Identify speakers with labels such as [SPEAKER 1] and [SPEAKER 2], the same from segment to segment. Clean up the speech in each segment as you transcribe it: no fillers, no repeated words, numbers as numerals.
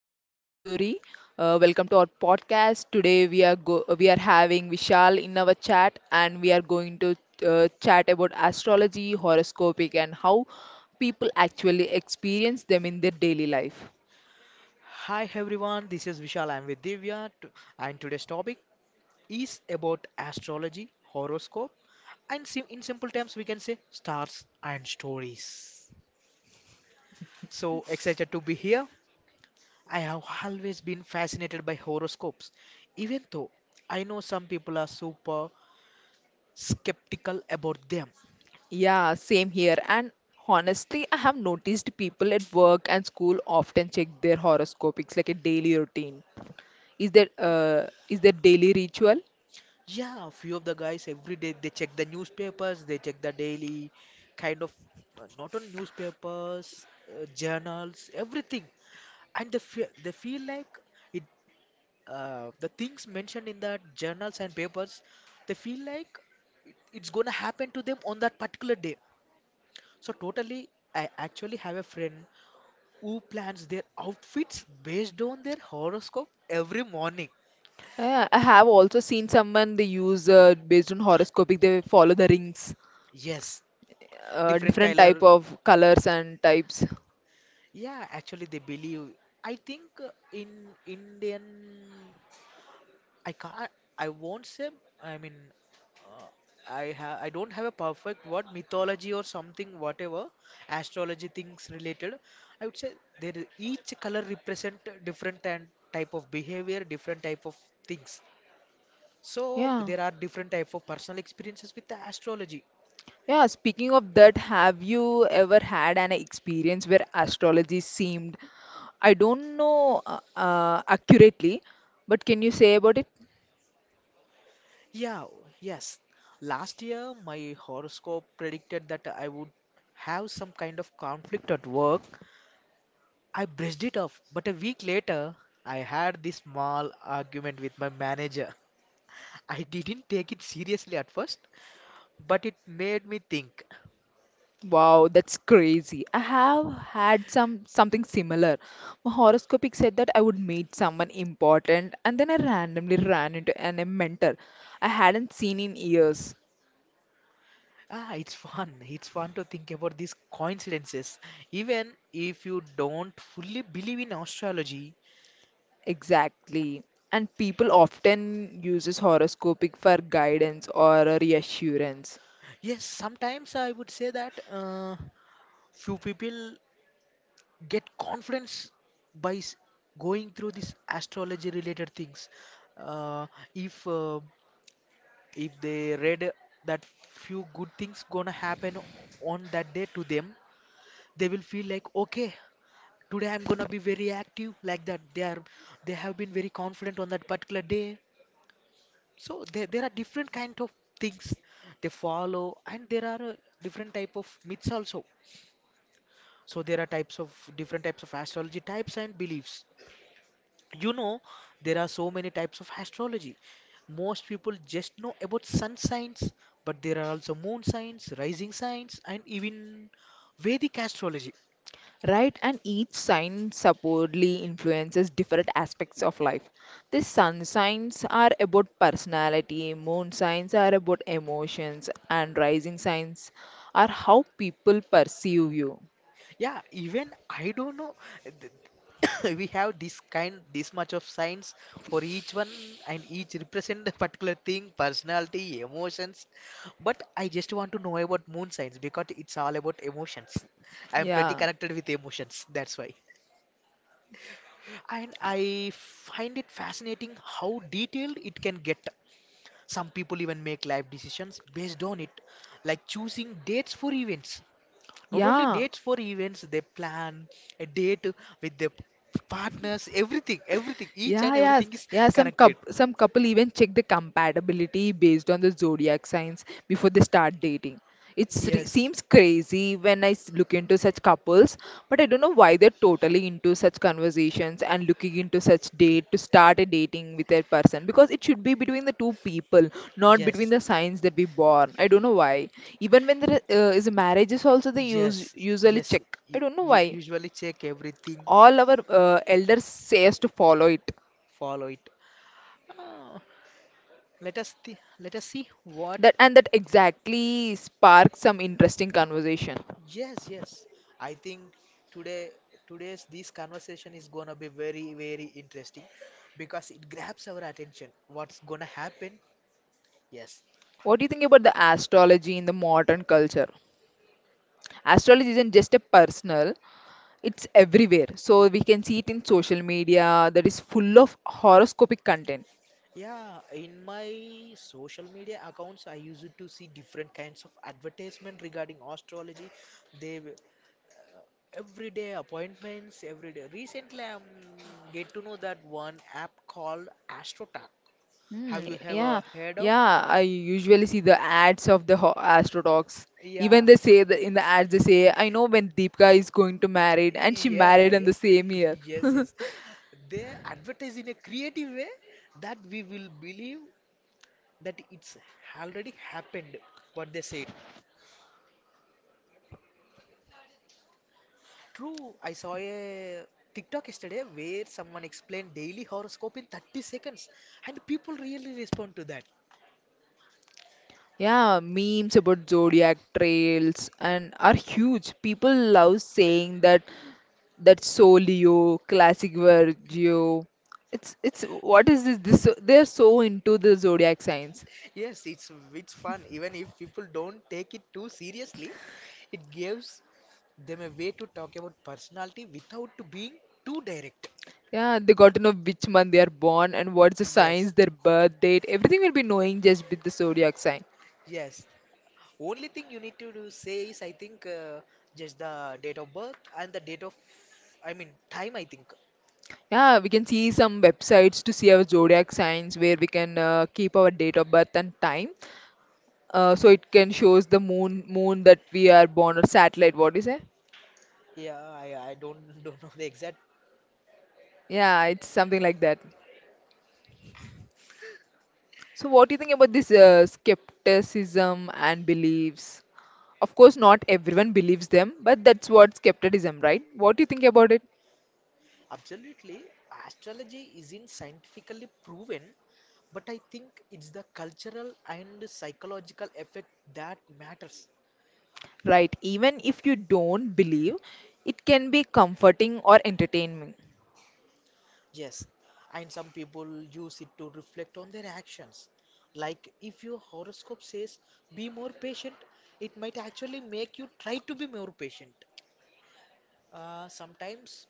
[SPEAKER 1] Divyasri Kusuri. Welcome to our podcast. Today we are having Vishal in our chat, and we are going to chat about astrology, horoscopic, and how people actually experience them in their daily life.
[SPEAKER 2] Hi everyone, this is Vishal. I'm with Divya, and today's topic is about astrology, horoscope, and in simple terms, we can say stars and stories. So excited to be here. I have always been fascinated by horoscopes, even though I know some people are super skeptical about them.
[SPEAKER 1] Yeah, same here. And honestly, I have noticed people at work and school often check their horoscopics like a daily routine. Is that is their daily ritual?
[SPEAKER 2] Yeah, few of the guys every day they check the newspapers, they check the daily kind of not only newspapers, journals, everything, and they feel like it. The things mentioned in the journals and papers, they feel like it's gonna happen to them on that particular day. So totally, I actually have a friend who plans their outfits based on their horoscope every morning.
[SPEAKER 1] Yeah, I have also seen someone they use based on horoscopic. They follow the rings,
[SPEAKER 2] Yes, different
[SPEAKER 1] different type
[SPEAKER 2] color.
[SPEAKER 1] of colors and types.
[SPEAKER 2] Yeah, actually they believe. I think in Indian, I can't, I won't say, I mean, uh, I don't have a perfect word, mythology or something, whatever, astrology things related. I would say there is each color represent different and type of behavior, different type of things. So
[SPEAKER 1] Yeah,
[SPEAKER 2] there are different type of personal experiences with the astrology.
[SPEAKER 1] yeah. Speaking of that, have you ever had an experience where astrology seemed, I don't know accurately, but can you say about it?
[SPEAKER 2] Yeah, oh, yes. Last year, my horoscope predicted that I would have some kind of conflict at work. I brushed it off, but a week later, I had this small argument with my manager. I didn't take it seriously at first, but it made me think.
[SPEAKER 1] Wow, that's crazy. I have had something similar. My horoscopic said that I would meet someone important, and then I randomly ran into a mentor I hadn't seen in years.
[SPEAKER 2] Ah, it's fun. It's fun to think about these coincidences. Even if you don't fully believe in astrology,
[SPEAKER 1] Exactly. And people often uses horoscopic for guidance or reassurance.
[SPEAKER 2] yes, sometimes I would say that few people get confidence by going through these astrology related things, uh, if uh, if they read that few good things gonna happen on that day to them, they will feel like, okay, today I'm gonna be very active. Like that they are, they have been very confident on that particular day. So there are different kind of things they follow, and there are, different type of myths also. So there are types of different types of astrology types and beliefs. You know, there are so many types of astrology. Most people just know about sun signs, but there are also moon signs, rising signs, and even Vedic astrology.
[SPEAKER 1] Right? And each sign supposedly influences different aspects of life. The sun signs are about personality, moon signs are about emotions, and rising signs are how people perceive you.
[SPEAKER 2] Yeah, even I don't know. Th- We have this kind, this much of signs for each one, and each represent a particular thing, personality, emotions. But I just want to know about moon signs because it's all about emotions. I'm pretty
[SPEAKER 1] Yeah,
[SPEAKER 2] connected with emotions, that's why. And I find it fascinating how detailed it can get. Some people even make life decisions based on it, like choosing dates for events. Not only
[SPEAKER 1] yeah.
[SPEAKER 2] dates for events, they plan a date with their partners, everything, everything, each
[SPEAKER 1] Yeah,
[SPEAKER 2] and
[SPEAKER 1] yes,
[SPEAKER 2] everything is
[SPEAKER 1] yeah.
[SPEAKER 2] connected.
[SPEAKER 1] Some couple even check the compatibility based on the zodiac signs before they start dating. It
[SPEAKER 2] Yes,
[SPEAKER 1] seems crazy when look into such couples, but I don't know why they're totally into such conversations and looking into such date to start a dating with a person because it should be between the two people, not between
[SPEAKER 2] yes,
[SPEAKER 1] the signs that we born. I don't know why. Even when there is a marriage, is also they use
[SPEAKER 2] yes,
[SPEAKER 1] usually
[SPEAKER 2] yes.
[SPEAKER 1] check. I don't know why.
[SPEAKER 2] Usually check everything,
[SPEAKER 1] All our elders say us to follow it.
[SPEAKER 2] follow it. Ah, let us see what.
[SPEAKER 1] That and that exactly sparked some interesting conversation.
[SPEAKER 2] Yes, yes. I think today, today's this conversation is gonna be very, very interesting because it grabs our attention. What's gonna happen? Yes.
[SPEAKER 1] What do you think about the astrology in the modern culture? Astrology isn't just a personal, it's everywhere. So we can see it in social media that is full of horoscopic content.
[SPEAKER 2] Yeah, in my social media accounts, I used to see different kinds of advertisement regarding astrology. They w- Everyday appointments, every day. Recently, I am get to know that one app called AstroTalk.
[SPEAKER 1] Hmm,
[SPEAKER 2] Have you
[SPEAKER 1] yeah,
[SPEAKER 2] ever heard of?
[SPEAKER 1] yeah. I usually see the ads of Astro Dogs. Even
[SPEAKER 2] Yeah.
[SPEAKER 1] they say that in the ads they say, I know when Deepika is going to marry and she
[SPEAKER 2] Yeah,
[SPEAKER 1] married in the
[SPEAKER 2] yeah.
[SPEAKER 1] same year.
[SPEAKER 2] Yes, yes. They advertise in a creative way that we will believe that it's already happened, what they said. True, I saw a TikTok yesterday where someone explained daily horoscope in 30 seconds, and people really respond to that.
[SPEAKER 1] Yeah, memes about zodiac trails and are huge. People love saying that that's so Leo, classic Virgo. It's what is this? They're so into the zodiac signs.
[SPEAKER 2] Yes, it's fun, even if people don't take it too seriously, it gives them a way to talk about personality without being too direct.
[SPEAKER 1] Yeah, they got to know which month they are born and what's the signs,
[SPEAKER 2] Yes,
[SPEAKER 1] their birth date. Everything will be knowing just with the zodiac sign.
[SPEAKER 2] yes. Only thing you need to do say is, I think, just the date of birth and the date of, I mean, time, I think.
[SPEAKER 1] Yeah, we can see some websites to see our zodiac signs where we can keep our date of birth and time. So it can shows the moon that we are born or satellite. What do you say?
[SPEAKER 2] Yeah, I don't don't know the exact.
[SPEAKER 1] Yeah, it's something like that. So what do you think about this skepticism and beliefs? Of course, not everyone believes them, but that's what skepticism, right? What do you think about it?
[SPEAKER 2] Absolutely, astrology isn't scientifically proven, but I think it's the cultural and psychological effect that matters.
[SPEAKER 1] Right. Even if you don't believe, it can be comforting or entertaining.
[SPEAKER 2] Yes, and some people use it to reflect on their actions. Like if your horoscope says be more patient, it might actually make you try to be more patient. Sometimes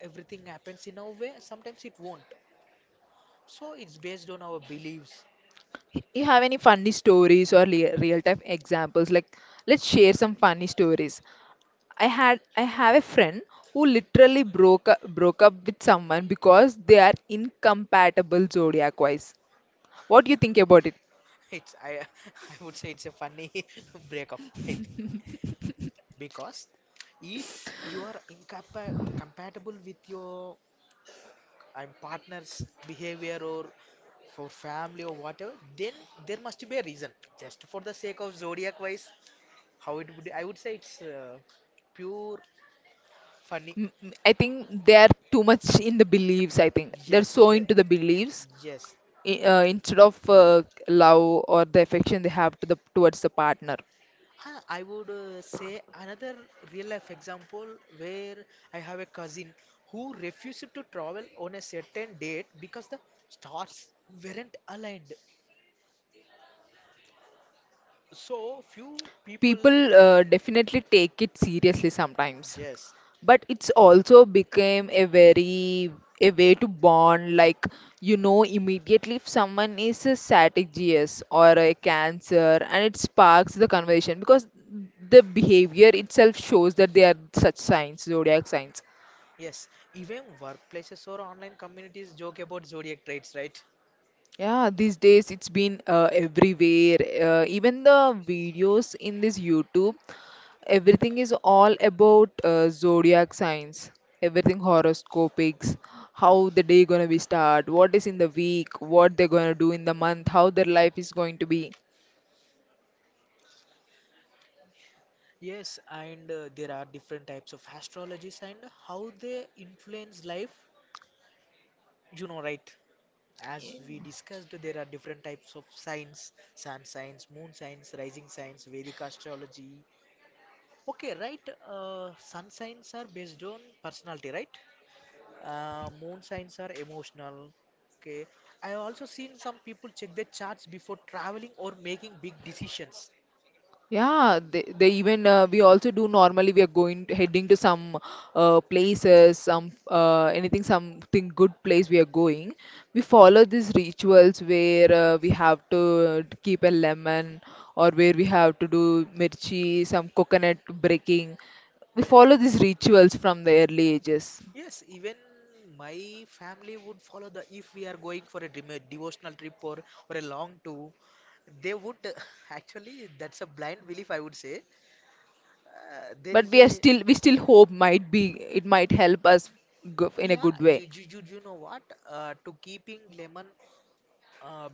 [SPEAKER 2] everything happens in our way, sometimes it won't. So it's based on our beliefs.
[SPEAKER 1] You have any funny stories or real time examples? Like let's share some funny stories. I had I have a friend who literally broke up with someone because they are incompatible zodiac wise. What do you think about it?
[SPEAKER 2] It's, I I would say it's a funny breakup, I think. Because if you are incapa compatible with your, I'm partner's behavior or for family or whatever, then there must be a reason. Just for the sake of zodiac wise, how it would, I would say it's, pure funny.
[SPEAKER 1] Mm, mm, I think they are too much in the beliefs. I think they're
[SPEAKER 2] Yes,
[SPEAKER 1] so
[SPEAKER 2] there.
[SPEAKER 1] into the beliefs,
[SPEAKER 2] Yes.
[SPEAKER 1] instead of love or the affection they have to the towards the partner.
[SPEAKER 2] Huh, I would, say another real life example where I have a cousin who refused to travel on a certain date because the stars weren't aligned. So few people,
[SPEAKER 1] People definitely take it seriously sometimes,
[SPEAKER 2] yes,
[SPEAKER 1] but it's also became a very a way to bond, like you know immediately if someone is a static gs or a cancer and it sparks the conversation because the behavior itself shows that they are such signs zodiac signs.
[SPEAKER 2] yes, even workplaces or online communities joke about zodiac traits, right?
[SPEAKER 1] Yeah, these days it's been everywhere. Uh, even the videos in this YouTube, everything is all about zodiac signs, everything horoscopics. How the day gonna be start, what is in the week, what they're gonna do in the month, how their life is going to be.
[SPEAKER 2] Yes, and there are different types of astrologies and how they influence life, you know, right? As we discussed, there are different types of signs: sun signs, moon signs, rising signs, Vedic astrology. Okay, right. Sun signs are based on personality, right? Moon signs are emotional. Okay. I have also seen some people check their charts before traveling or making big decisions.
[SPEAKER 1] Yeah, they even we also do normally we are heading to some places, some anything, something good place we are going. We follow these rituals where we have to keep a lemon or where we have to do mirchi, some coconut breaking. We
[SPEAKER 2] Yes.
[SPEAKER 1] follow these rituals from the early ages,
[SPEAKER 2] Yes, even my family would follow the, if we are going for a devotional trip or a long tour, they would actually that's a blind belief, I would say. There
[SPEAKER 1] but
[SPEAKER 2] is a
[SPEAKER 1] we still hope might be it might help us go in a
[SPEAKER 2] Yeah,
[SPEAKER 1] good way.
[SPEAKER 2] you know what, to keeping lemon, um,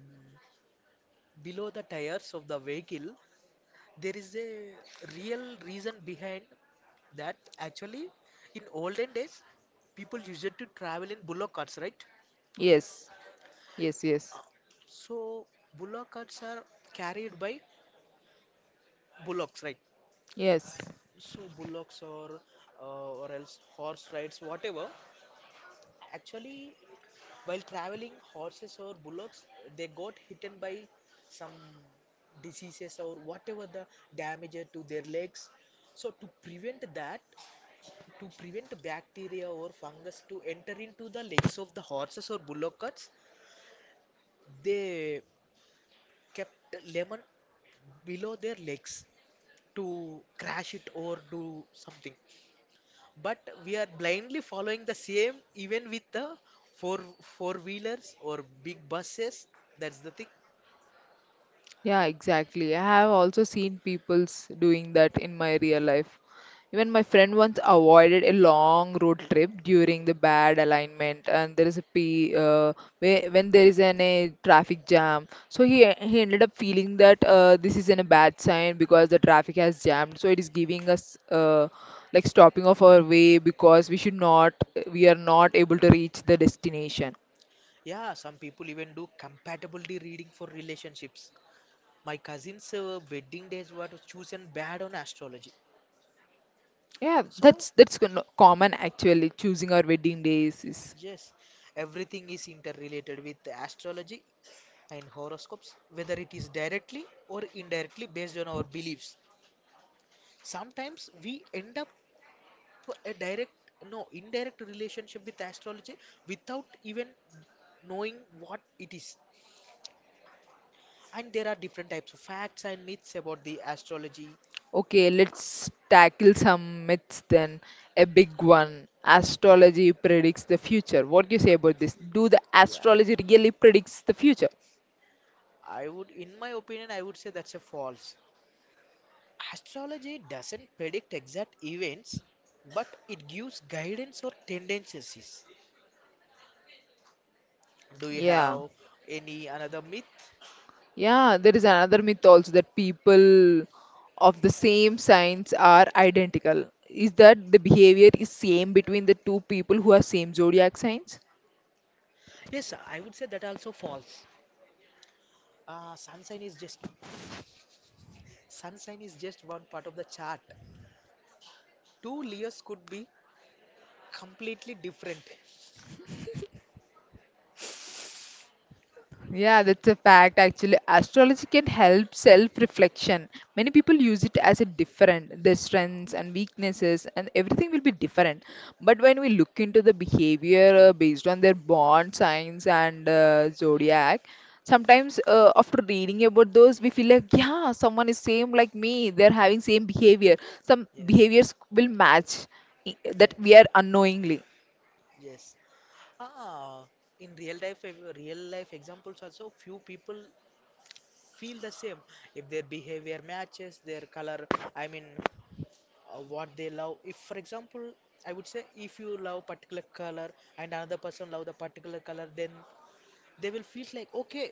[SPEAKER 2] below the tires of the vehicle, there is a real reason behind that. Actually, in olden days, people used to travel in bullock carts, right?
[SPEAKER 1] Yes, yes, yes,
[SPEAKER 2] So bullock carts are carried by bullocks, right?
[SPEAKER 1] yes.
[SPEAKER 2] So bullocks or, or else horse rides, whatever. Actually, while traveling, horses or bullocks, they got hitten by some diseases or whatever, the damage to their legs. So to prevent that, to prevent bacteria or fungus to enter into the legs of the horses or bullocks, they kept lemon below their legs to crash it or do something. But we are blindly following the same even with the four wheelers or big buses. That's the thing.
[SPEAKER 1] Yeah, exactly. I have also seen people's doing that in my real life. Even my friend once avoided a long road trip during the bad alignment, and there is when there is a traffic jam. So he ended up feeling that this is in a bad sign because the traffic has jammed. So it is giving us like stopping of our way because we are not able to reach the destination.
[SPEAKER 2] Yeah, some people even do compatibility reading for relationships. My cousin's wedding days were chosen bad on astrology.
[SPEAKER 1] Yeah,
[SPEAKER 2] So,
[SPEAKER 1] that's common actually. Choosing our wedding days is
[SPEAKER 2] yes, everything is interrelated with astrology and horoscopes, whether it is directly or indirectly based on our beliefs. Sometimes we end up a direct, no, indirect relationship with astrology without even knowing what it is. And there are different types of facts and myths about the astrology.
[SPEAKER 1] okay. Let's tackle some myths then. A big one. Astrology predicts the future. What do you say about this? Do the
[SPEAKER 2] Yeah.
[SPEAKER 1] astrology really predicts the future?
[SPEAKER 2] I would, in my opinion, I would say that's a false. Astrology doesn't predict exact events, but it gives guidance or tendencies. Do you
[SPEAKER 1] Yeah.
[SPEAKER 2] have any another myth?
[SPEAKER 1] Yeah, there is another myth also that people of the same signs are identical. Is that the behavior is same between the two people who are same zodiac signs?
[SPEAKER 2] Yes, I would say that also false. Sun sign is just, sun sign is just one part of the chart. Two Leos could be completely different.
[SPEAKER 1] Yeah, that's a fact. Actually, astrology can help self-reflection. Many people use it as a different, their strengths and weaknesses, and everything will be different. But when we look into the behavior based on their born signs and zodiac, sometimes after reading about those, we feel like, yeah, someone is same like me. They're having same behavior. Some
[SPEAKER 2] Yes.
[SPEAKER 1] behaviors will match that we are
[SPEAKER 2] Yes,
[SPEAKER 1] unknowingly.
[SPEAKER 2] yes. Ah, in real life, real life examples also, few people feel the same if their behavior matches their color, I mean, what they love. If, for example, I would say if you love particular color and another person love the particular color, then they will feel like, okay,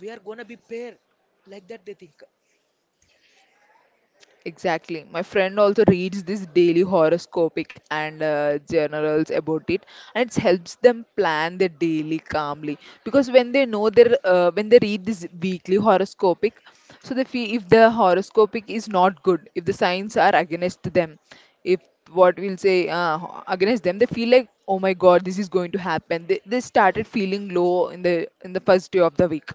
[SPEAKER 2] we are gonna be pair, like that they think.
[SPEAKER 1] Exactly. My friend also reads this daily horoscopic and journals about it, and it helps them plan their daily calmly. Because when they know their when they read this weekly horoscopic, so they feel if the horoscopic is not good, if the signs are against them, if what we'll say against them, they feel like oh my god, this is going to happen. They started feeling low in the first day of the week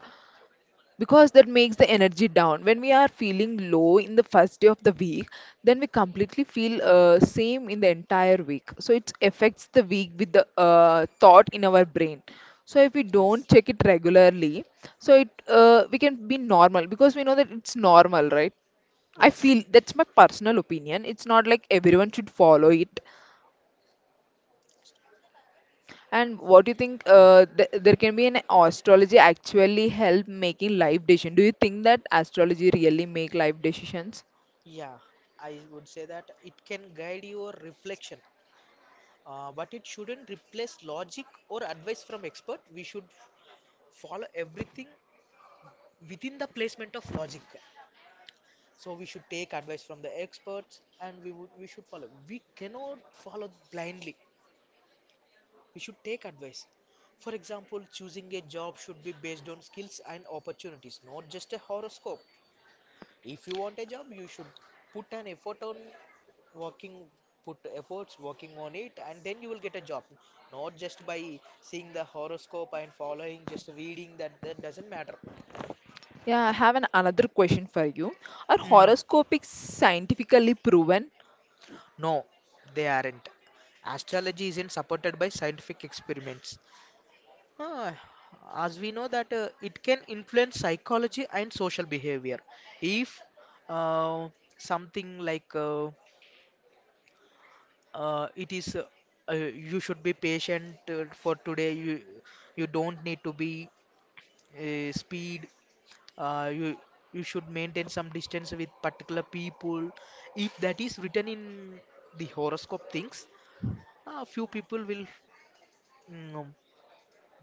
[SPEAKER 1] because that makes the energy down. When we are feeling low in the first day of the week, then we completely feel same in the entire week, so it affects the week with the thought in our brain. So if we don't
[SPEAKER 2] Yes,
[SPEAKER 1] check it regularly, so it we can be normal because we know that it's normal, right? I
[SPEAKER 2] yes,
[SPEAKER 1] feel that's my personal opinion. It's not like everyone should follow it. And what do you think th there can be an astrology actually help making life decision? Do you think that astrology really make life decisions?
[SPEAKER 2] yeah, I would say that it can guide your reflection, but it shouldn't replace logic or advice from expert. We should follow everything within the placement of logic. So we should take advice from the experts, and we should follow, we cannot follow blindly, we should take advice. For example, choosing a job should be based on skills and opportunities, not just a horoscope. If you want a job, you should put an effort on working, put efforts working on it, and then you will get a job, not just by seeing the horoscope and following, just reading that, that doesn't matter.
[SPEAKER 1] Yeah, I have an another question for you. Are
[SPEAKER 2] Mm.
[SPEAKER 1] horoscopic scientifically proven?
[SPEAKER 2] No, they aren't. Astrology isn't supported by scientific experiments. Ah, as we know that, it can influence psychology and social behavior. If, uh, something like, uh, it is, uh, you should be patient for today. You don't need to be speed. Uh, you you should maintain some distance with particular people. If that is written in the horoscope things, few people will mm, um,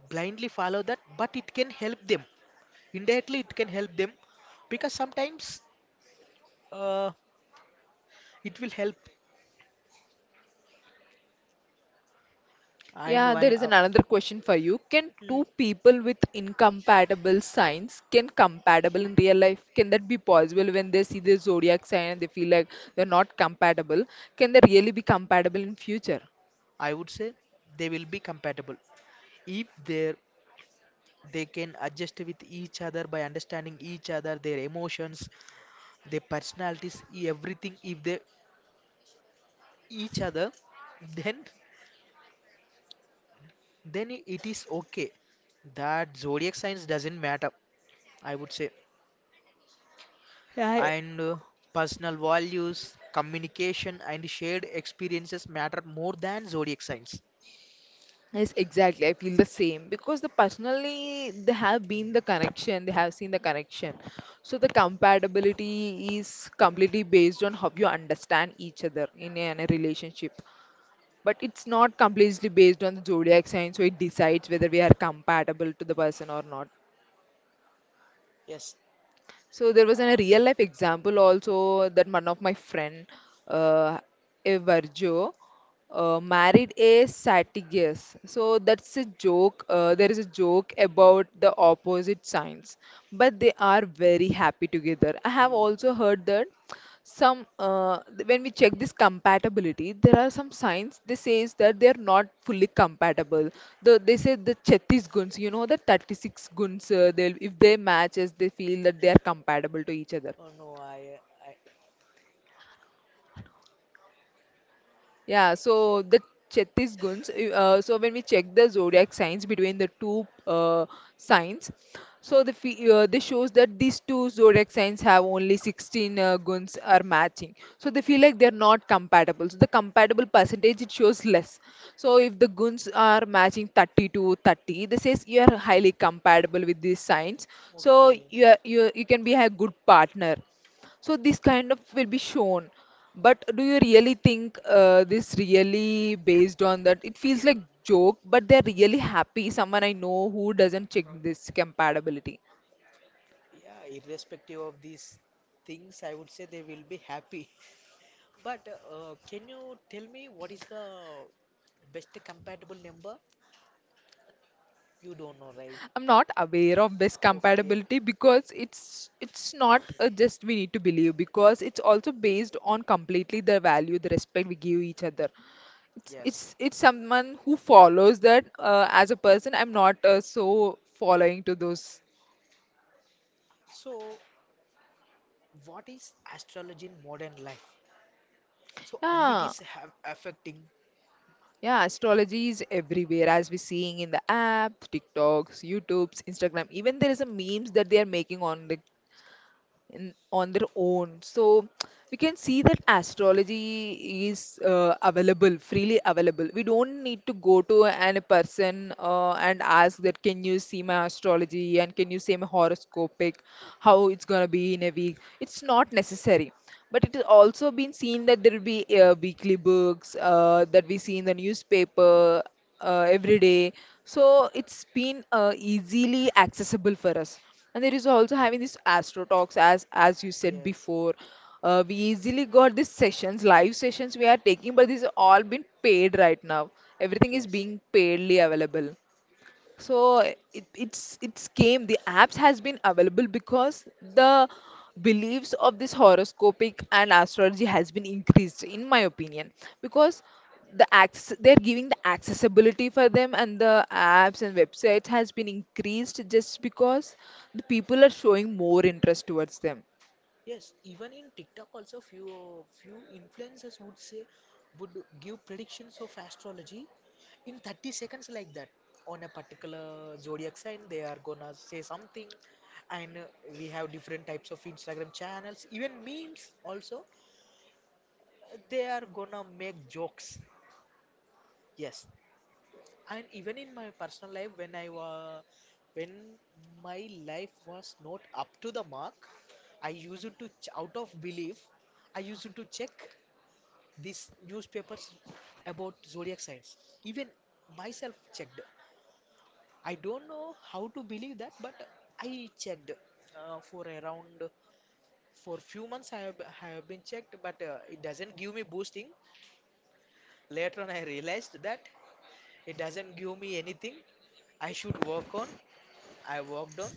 [SPEAKER 2] blindly follow that, but it can help them, indirectly it can help them, because sometimes, uh, it will help. And
[SPEAKER 1] Yeah,
[SPEAKER 2] why
[SPEAKER 1] there is an another question for you. Can
[SPEAKER 2] mm,
[SPEAKER 1] two people with incompatible signs can compatible in real life? Can that be possible when they see the zodiac sign and they feel like they're not compatible? Can they really be compatible in future?
[SPEAKER 2] I would say they will be compatible if they, they can adjust with each other by understanding each other, their emotions, their personalities, everything. If they each other, then then it is okay, that zodiac signs doesn't matter, I would say. And, personal values, communication, and shared experiences matter more than zodiac signs.
[SPEAKER 1] Yes, exactly. I feel the same because the personally they have been the connection, they have seen the connection. So the compatibility is completely based on how you understand each other in in a relationship. But it's not completely based on the zodiac sign, so it decides whether we are compatible to the person or not.
[SPEAKER 2] Yes.
[SPEAKER 1] So there was a
[SPEAKER 2] Uh,
[SPEAKER 1] real life example also that one of my friend, uh, a Virgo, married a Sagittarius. So that's a joke. There is a joke about the opposite signs, but they are very happy together. I have
[SPEAKER 2] y-
[SPEAKER 1] also heard that some when we check this compatibility there are some signs they says that they are not fully compatible, they say the chhattis guns, you know, the 36 guns, they'll if they match as they feel that they are compatible to each other.
[SPEAKER 2] oh no, I,
[SPEAKER 1] Yeah, so the Chhattisgarhs, so when we check the zodiac signs between the two signs, so the this shows that these two zodiac signs have only 16 guns are matching. So they feel like they're not compatible. So the compatible percentage it shows less. So if the guns are matching 30 to 30, this says you are highly compatible with these signs. So
[SPEAKER 2] okay.
[SPEAKER 1] you are, you can be a good partner. So this kind of will be shown. But do you really think this really based on that? It feels like joke, but they're really happy. Someone I know who doesn't check this compatibility.
[SPEAKER 2] Yeah, irrespective of these things, I would say they will be happy. But can you tell me what is the best compatible number? You don't know, right?
[SPEAKER 1] I'm not aware of this
[SPEAKER 2] Okay.
[SPEAKER 1] compatibility because it's not just we need to believe because it's also based on completely the value, the respect we give each other. It's
[SPEAKER 2] Yes.
[SPEAKER 1] it's it's someone who follows that as a person. I'm not so following to those.
[SPEAKER 2] So, what is astrology in modern life? So, how it
[SPEAKER 1] Yeah.
[SPEAKER 2] is have affecting?
[SPEAKER 1] Yeah, astrology is everywhere as we're seeing in the app, TikToks, YouTubes, Instagram. Even there is a memes that they are making on the on their own. So we can see that astrology is available, freely available. We don't need to go to a person and ask that, can you see my astrology and can you see my horoscopic, how it's going to be in a week. It's not necessary. But it has also been seen that there will be weekly books that we see in the newspaper every day. So it's been easily accessible for us. And there is also having this Astro Talks, as you said
[SPEAKER 2] Yes.
[SPEAKER 1] before. We easily got these sessions, live sessions we are taking, but these are all been paid right now. Everything is
[SPEAKER 2] Yes.
[SPEAKER 1] being paidly available so it, it's came the apps has been available because the beliefs of this horoscopic and astrology has been increased in my opinion because the access they're giving the accessibility for them and the apps and websites has been increased just because the people are showing more interest towards them.
[SPEAKER 2] Yes, even in TikTok also few influencers would say would give predictions of astrology in 30 seconds like that on a particular zodiac sign they are gonna say something and we have different types of Instagram channels even memes also they are gonna make jokes, yes, and even in my personal life when I was when my life was not up to the mark I used to ch- out of belief I used to check these newspapers about zodiac signs, even myself checked. I don't know how to believe that, but I checked for around for few months I have been checked but it doesn't give me boosting. Later on I realized that it doesn't give me anything I should work on. I worked on,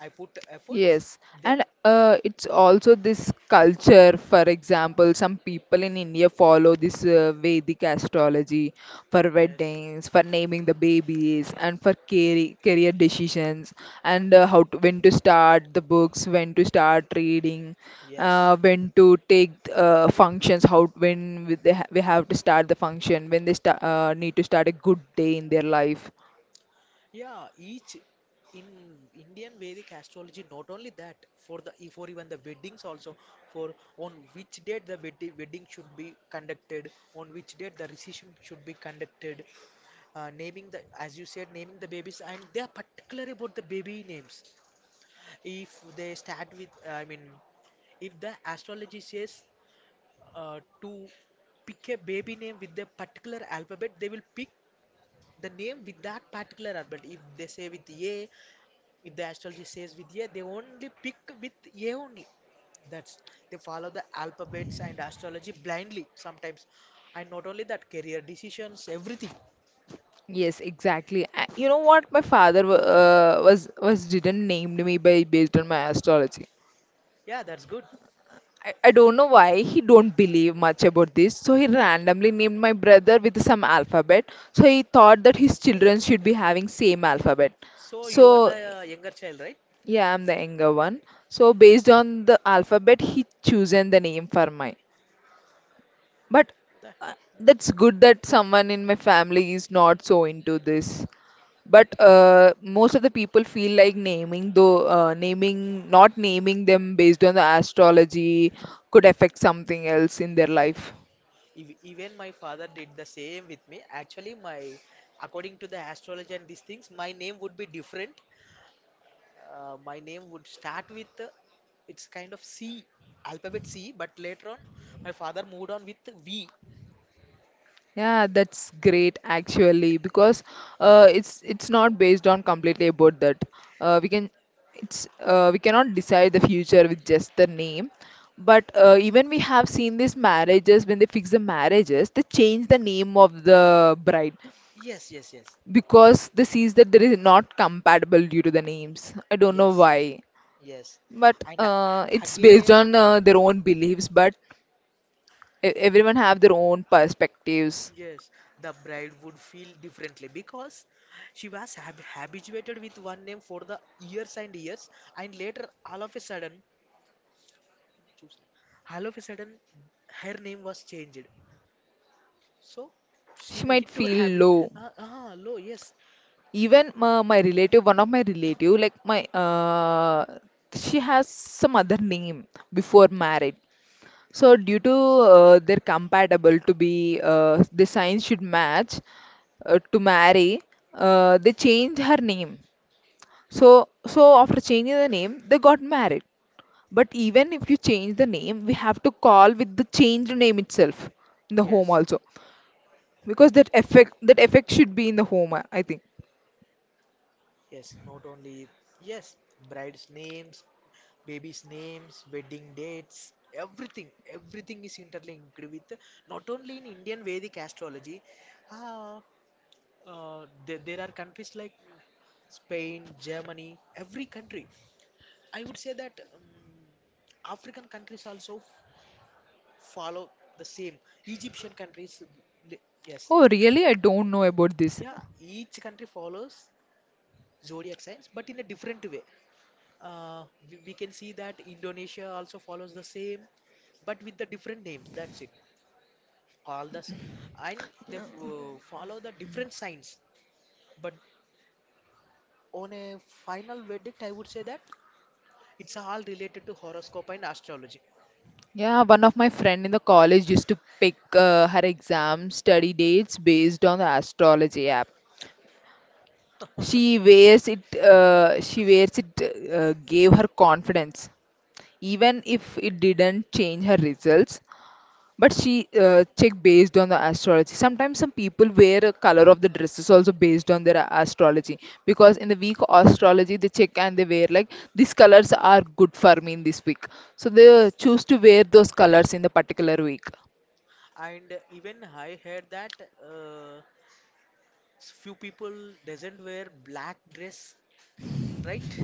[SPEAKER 2] I put efforts,
[SPEAKER 1] Yes,
[SPEAKER 2] then
[SPEAKER 1] and it's also this culture. For example, some people in India follow this Vedic astrology for
[SPEAKER 2] yes,
[SPEAKER 1] weddings, for naming the babies, and for career decisions, and how to, when to start the books, when to start reading,
[SPEAKER 2] yes,
[SPEAKER 1] when to take functions, how when we, they ha- we have to start the function, need to start a good day in their life.
[SPEAKER 2] yeah. Each in Indian Vedic astrology, not only that, for the for even the weddings also, for on which date the wedding should be conducted, on which date the reception should be conducted, naming the as you said, naming the babies, and they are particular about the baby names. If they start with, I mean, if the astrology says to pick a baby name with a particular alphabet, they will pick the name with that particular alphabet. If they say with A, if the astrology says with A, they only pick with A only. That's they follow the alphabets and astrology blindly sometimes, and not only that, career decisions, everything.
[SPEAKER 1] Yes, exactly. You know what? My father wa- was didn't named me by based on my astrology.
[SPEAKER 2] Yeah, that's good.
[SPEAKER 1] I don't know why he don't believe much about this. So he randomly named my brother with some alphabet. So he thought that his children should be having same alphabet.
[SPEAKER 2] So you are
[SPEAKER 1] So
[SPEAKER 2] the younger child, right?
[SPEAKER 1] yeah, I'm the younger one. So based on the alphabet, he chosen the name for mine. But
[SPEAKER 2] The-
[SPEAKER 1] uh, that's good that someone in my family is not so into this. But most of the people feel like naming though naming not naming them based on the astrology could affect something else in their life.
[SPEAKER 2] even my father did the same with me. Actually, my according to the astrology and these things, my name would be different. My name would start with it's kind of C, alphabet C, but later on my father moved on with V.
[SPEAKER 1] Yeah, that's great actually because it's not based on completely about that. uh, we can we cannot decide the future with just the name. But even we have seen these marriages when they fix the marriages they change the name of the bride
[SPEAKER 2] Yes, yes, yes,
[SPEAKER 1] because they sees that there is not compatible due to the names. I don't know
[SPEAKER 2] yes,
[SPEAKER 1] why,
[SPEAKER 2] yes.
[SPEAKER 1] but
[SPEAKER 2] And
[SPEAKER 1] it's based
[SPEAKER 2] again,
[SPEAKER 1] on their own beliefs. But everyone have their own perspectives.
[SPEAKER 2] yes, the bride would feel differently because she was habituated with one name for the years and years, and later, all of a sudden, choose- all of a sudden, her name was changed. So she
[SPEAKER 1] She
[SPEAKER 2] need
[SPEAKER 1] might
[SPEAKER 2] to have
[SPEAKER 1] feel low.
[SPEAKER 2] hello, yes,
[SPEAKER 1] Even my relative, one of my relative, like she has some other name before marriage. So due to they're compatible to be, the signs should match to marry. They change her name. So after changing the name, they got married. But even if you change the name, we have to call with the changed name itself in the home
[SPEAKER 2] yes.
[SPEAKER 1] also, because that effect should be in the home. I think.
[SPEAKER 2] Yes, not only, yes, bride's names, baby's names, wedding dates, everything, everything is interlinked with not only in Indian Vedic astrology, uh, there, there are countries like Spain, Germany, every country. I would say that African countries also follow the same. Egyptian countries, li- yes,
[SPEAKER 1] Oh, really? I don't know about this.
[SPEAKER 2] yeah, each country follows zodiac signs, but in a different way. Uh, we can see that Indonesia also follows the same, but with the different names. That's it. All the s- and follow the different signs. But on a final verdict, I would say that it's all related to horoscope and astrology.
[SPEAKER 1] Yeah, one of my friend in the college used to pick her exam study dates based on the astrology app. She wears it. She wears it. Gave her confidence, even if it didn't change her results. But she check based on the astrology. Sometimes some people wear a color of the dress is also based on their astrology because in the week astrology they check and they wear like these colors are good for me in this week. So they
[SPEAKER 2] Yes,
[SPEAKER 1] choose to wear those colors in the particular week.
[SPEAKER 2] and even I heard that uh, few people doesn't wear black dress, right?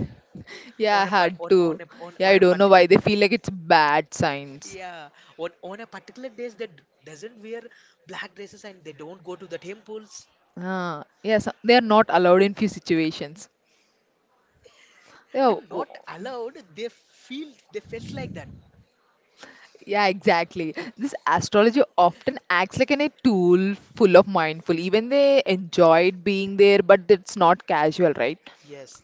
[SPEAKER 1] Yeah, I had to. Yeah,
[SPEAKER 2] On
[SPEAKER 1] I
[SPEAKER 2] a
[SPEAKER 1] don't know why
[SPEAKER 2] particular
[SPEAKER 1] they feel like it's bad signs.
[SPEAKER 2] yeah, on a particular days they doesn't wear black dresses and they don't go to the temples
[SPEAKER 1] Ah, yes, they are not allowed in few situations. Yeah,
[SPEAKER 2] and not allowed. They feel they felt like that.
[SPEAKER 1] yeah, exactly. This astrology often acts like a tool full of mindful. Even they enjoyed being there, but it's not casual, right?
[SPEAKER 2] Yes,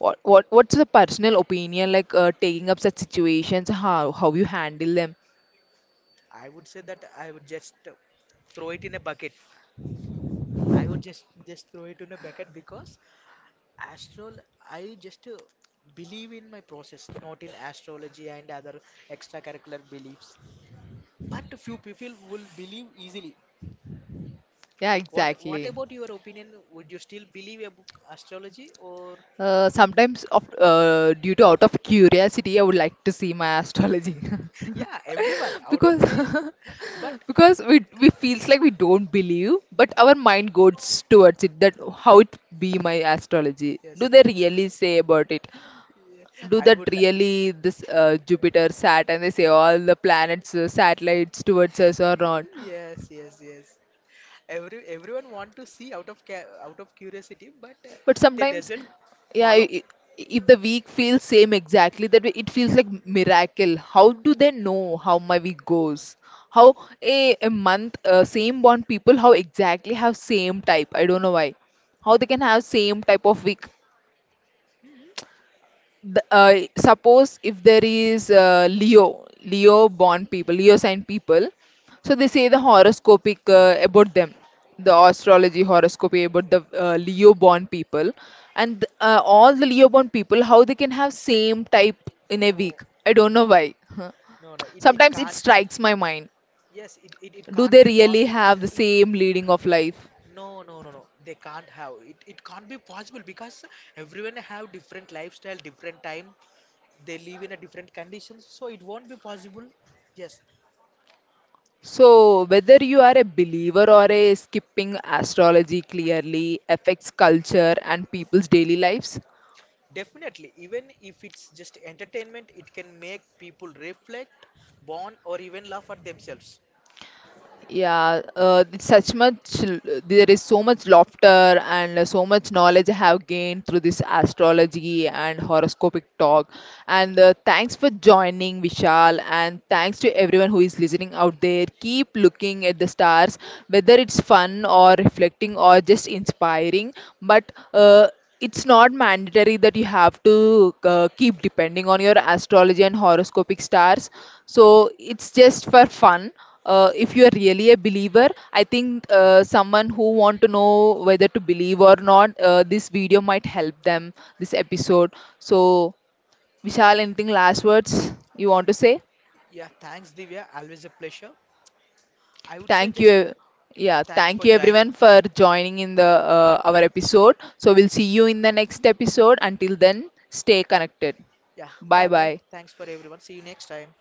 [SPEAKER 1] What's the personal opinion like taking up such situations? How you handle them?
[SPEAKER 2] I would say that I would just throw it in a bucket. I would just throw it in a bucket because astral. I just believe in my process, not in astrology and other extracurricular beliefs. But few people will believe easily.
[SPEAKER 1] Yeah,
[SPEAKER 2] What
[SPEAKER 1] exactly.
[SPEAKER 2] about your opinion? Would you still believe astrology or?
[SPEAKER 1] Sometimes, due to out of curiosity, I would like to see my astrology
[SPEAKER 2] Yeah, everyone out of
[SPEAKER 1] because
[SPEAKER 2] my. But
[SPEAKER 1] because we feels like we don't believe, but our mind goes towards it. That how it be my astrology?
[SPEAKER 2] yes,
[SPEAKER 1] Do they really say about it? Do
[SPEAKER 2] I
[SPEAKER 1] that
[SPEAKER 2] would like.
[SPEAKER 1] really this Jupiter, Saturn? They say all the planets, satellites towards us or not?
[SPEAKER 2] Yes, yes, yes. Every everyone want to see out of curiosity, but
[SPEAKER 1] But
[SPEAKER 2] they
[SPEAKER 1] sometimes,
[SPEAKER 2] doesn't
[SPEAKER 1] yeah,
[SPEAKER 2] follow.
[SPEAKER 1] if the week feels same exactly, that way it feels like miracle. How do they know how my week goes? How a month, same bond people, how exactly have same type? I don't know why. How they can have same type of week? Suppose if there is Leo born people, Leo sign people, so they say the horoscopic about them, the astrology horoscopy about the
[SPEAKER 2] Sure.
[SPEAKER 1] Leo born people, and all the Leo born people, how they can have same type in a
[SPEAKER 2] No,
[SPEAKER 1] week. I don't know
[SPEAKER 2] no,
[SPEAKER 1] why. Huh.
[SPEAKER 2] no, no. It
[SPEAKER 1] Sometimes it
[SPEAKER 2] can't.
[SPEAKER 1] strikes my mind.
[SPEAKER 2] Yes, it
[SPEAKER 1] Do
[SPEAKER 2] can't
[SPEAKER 1] they
[SPEAKER 2] be.
[SPEAKER 1] really
[SPEAKER 2] It, it
[SPEAKER 1] have the
[SPEAKER 2] it
[SPEAKER 1] same
[SPEAKER 2] it.
[SPEAKER 1] leading of life?
[SPEAKER 2] No, no, no, no. They can't have it. It can't be possible because everyone have different lifestyle, different time. They live in a different conditions, so it won't be possible. Yes,
[SPEAKER 1] So, whether you are a believer or a skipping, astrology clearly affects culture and people's daily lives.
[SPEAKER 2] definitely, even if it's just entertainment, it can make people reflect, bond, or even laugh at themselves.
[SPEAKER 1] Yeah, there is so much laughter and so much knowledge I have gained through this astrology and horoscopic talk. And thanks for joining, Vishal, and thanks to everyone who is listening out there. Keep looking at the stars, whether it's fun or reflecting or just inspiring. But it's not mandatory that you have to keep depending on your astrology and horoscopic stars, so it's just for fun. If you are really a believer, I think someone who want to know whether to believe or not, this video might help them, this episode. So Vishal, anything last words you want to say?
[SPEAKER 2] Yeah, thanks, Divya. Always a pleasure. I would say
[SPEAKER 1] Thank you,
[SPEAKER 2] just
[SPEAKER 1] yeah,
[SPEAKER 2] thanks
[SPEAKER 1] thank
[SPEAKER 2] for
[SPEAKER 1] you
[SPEAKER 2] joining.
[SPEAKER 1] everyone for joining in the our episode. So we'll see you in the next episode. Until then, stay connected.
[SPEAKER 2] Yeah,
[SPEAKER 1] Bye
[SPEAKER 2] bye bye.
[SPEAKER 1] bye.
[SPEAKER 2] Thanks for everyone. See you next time.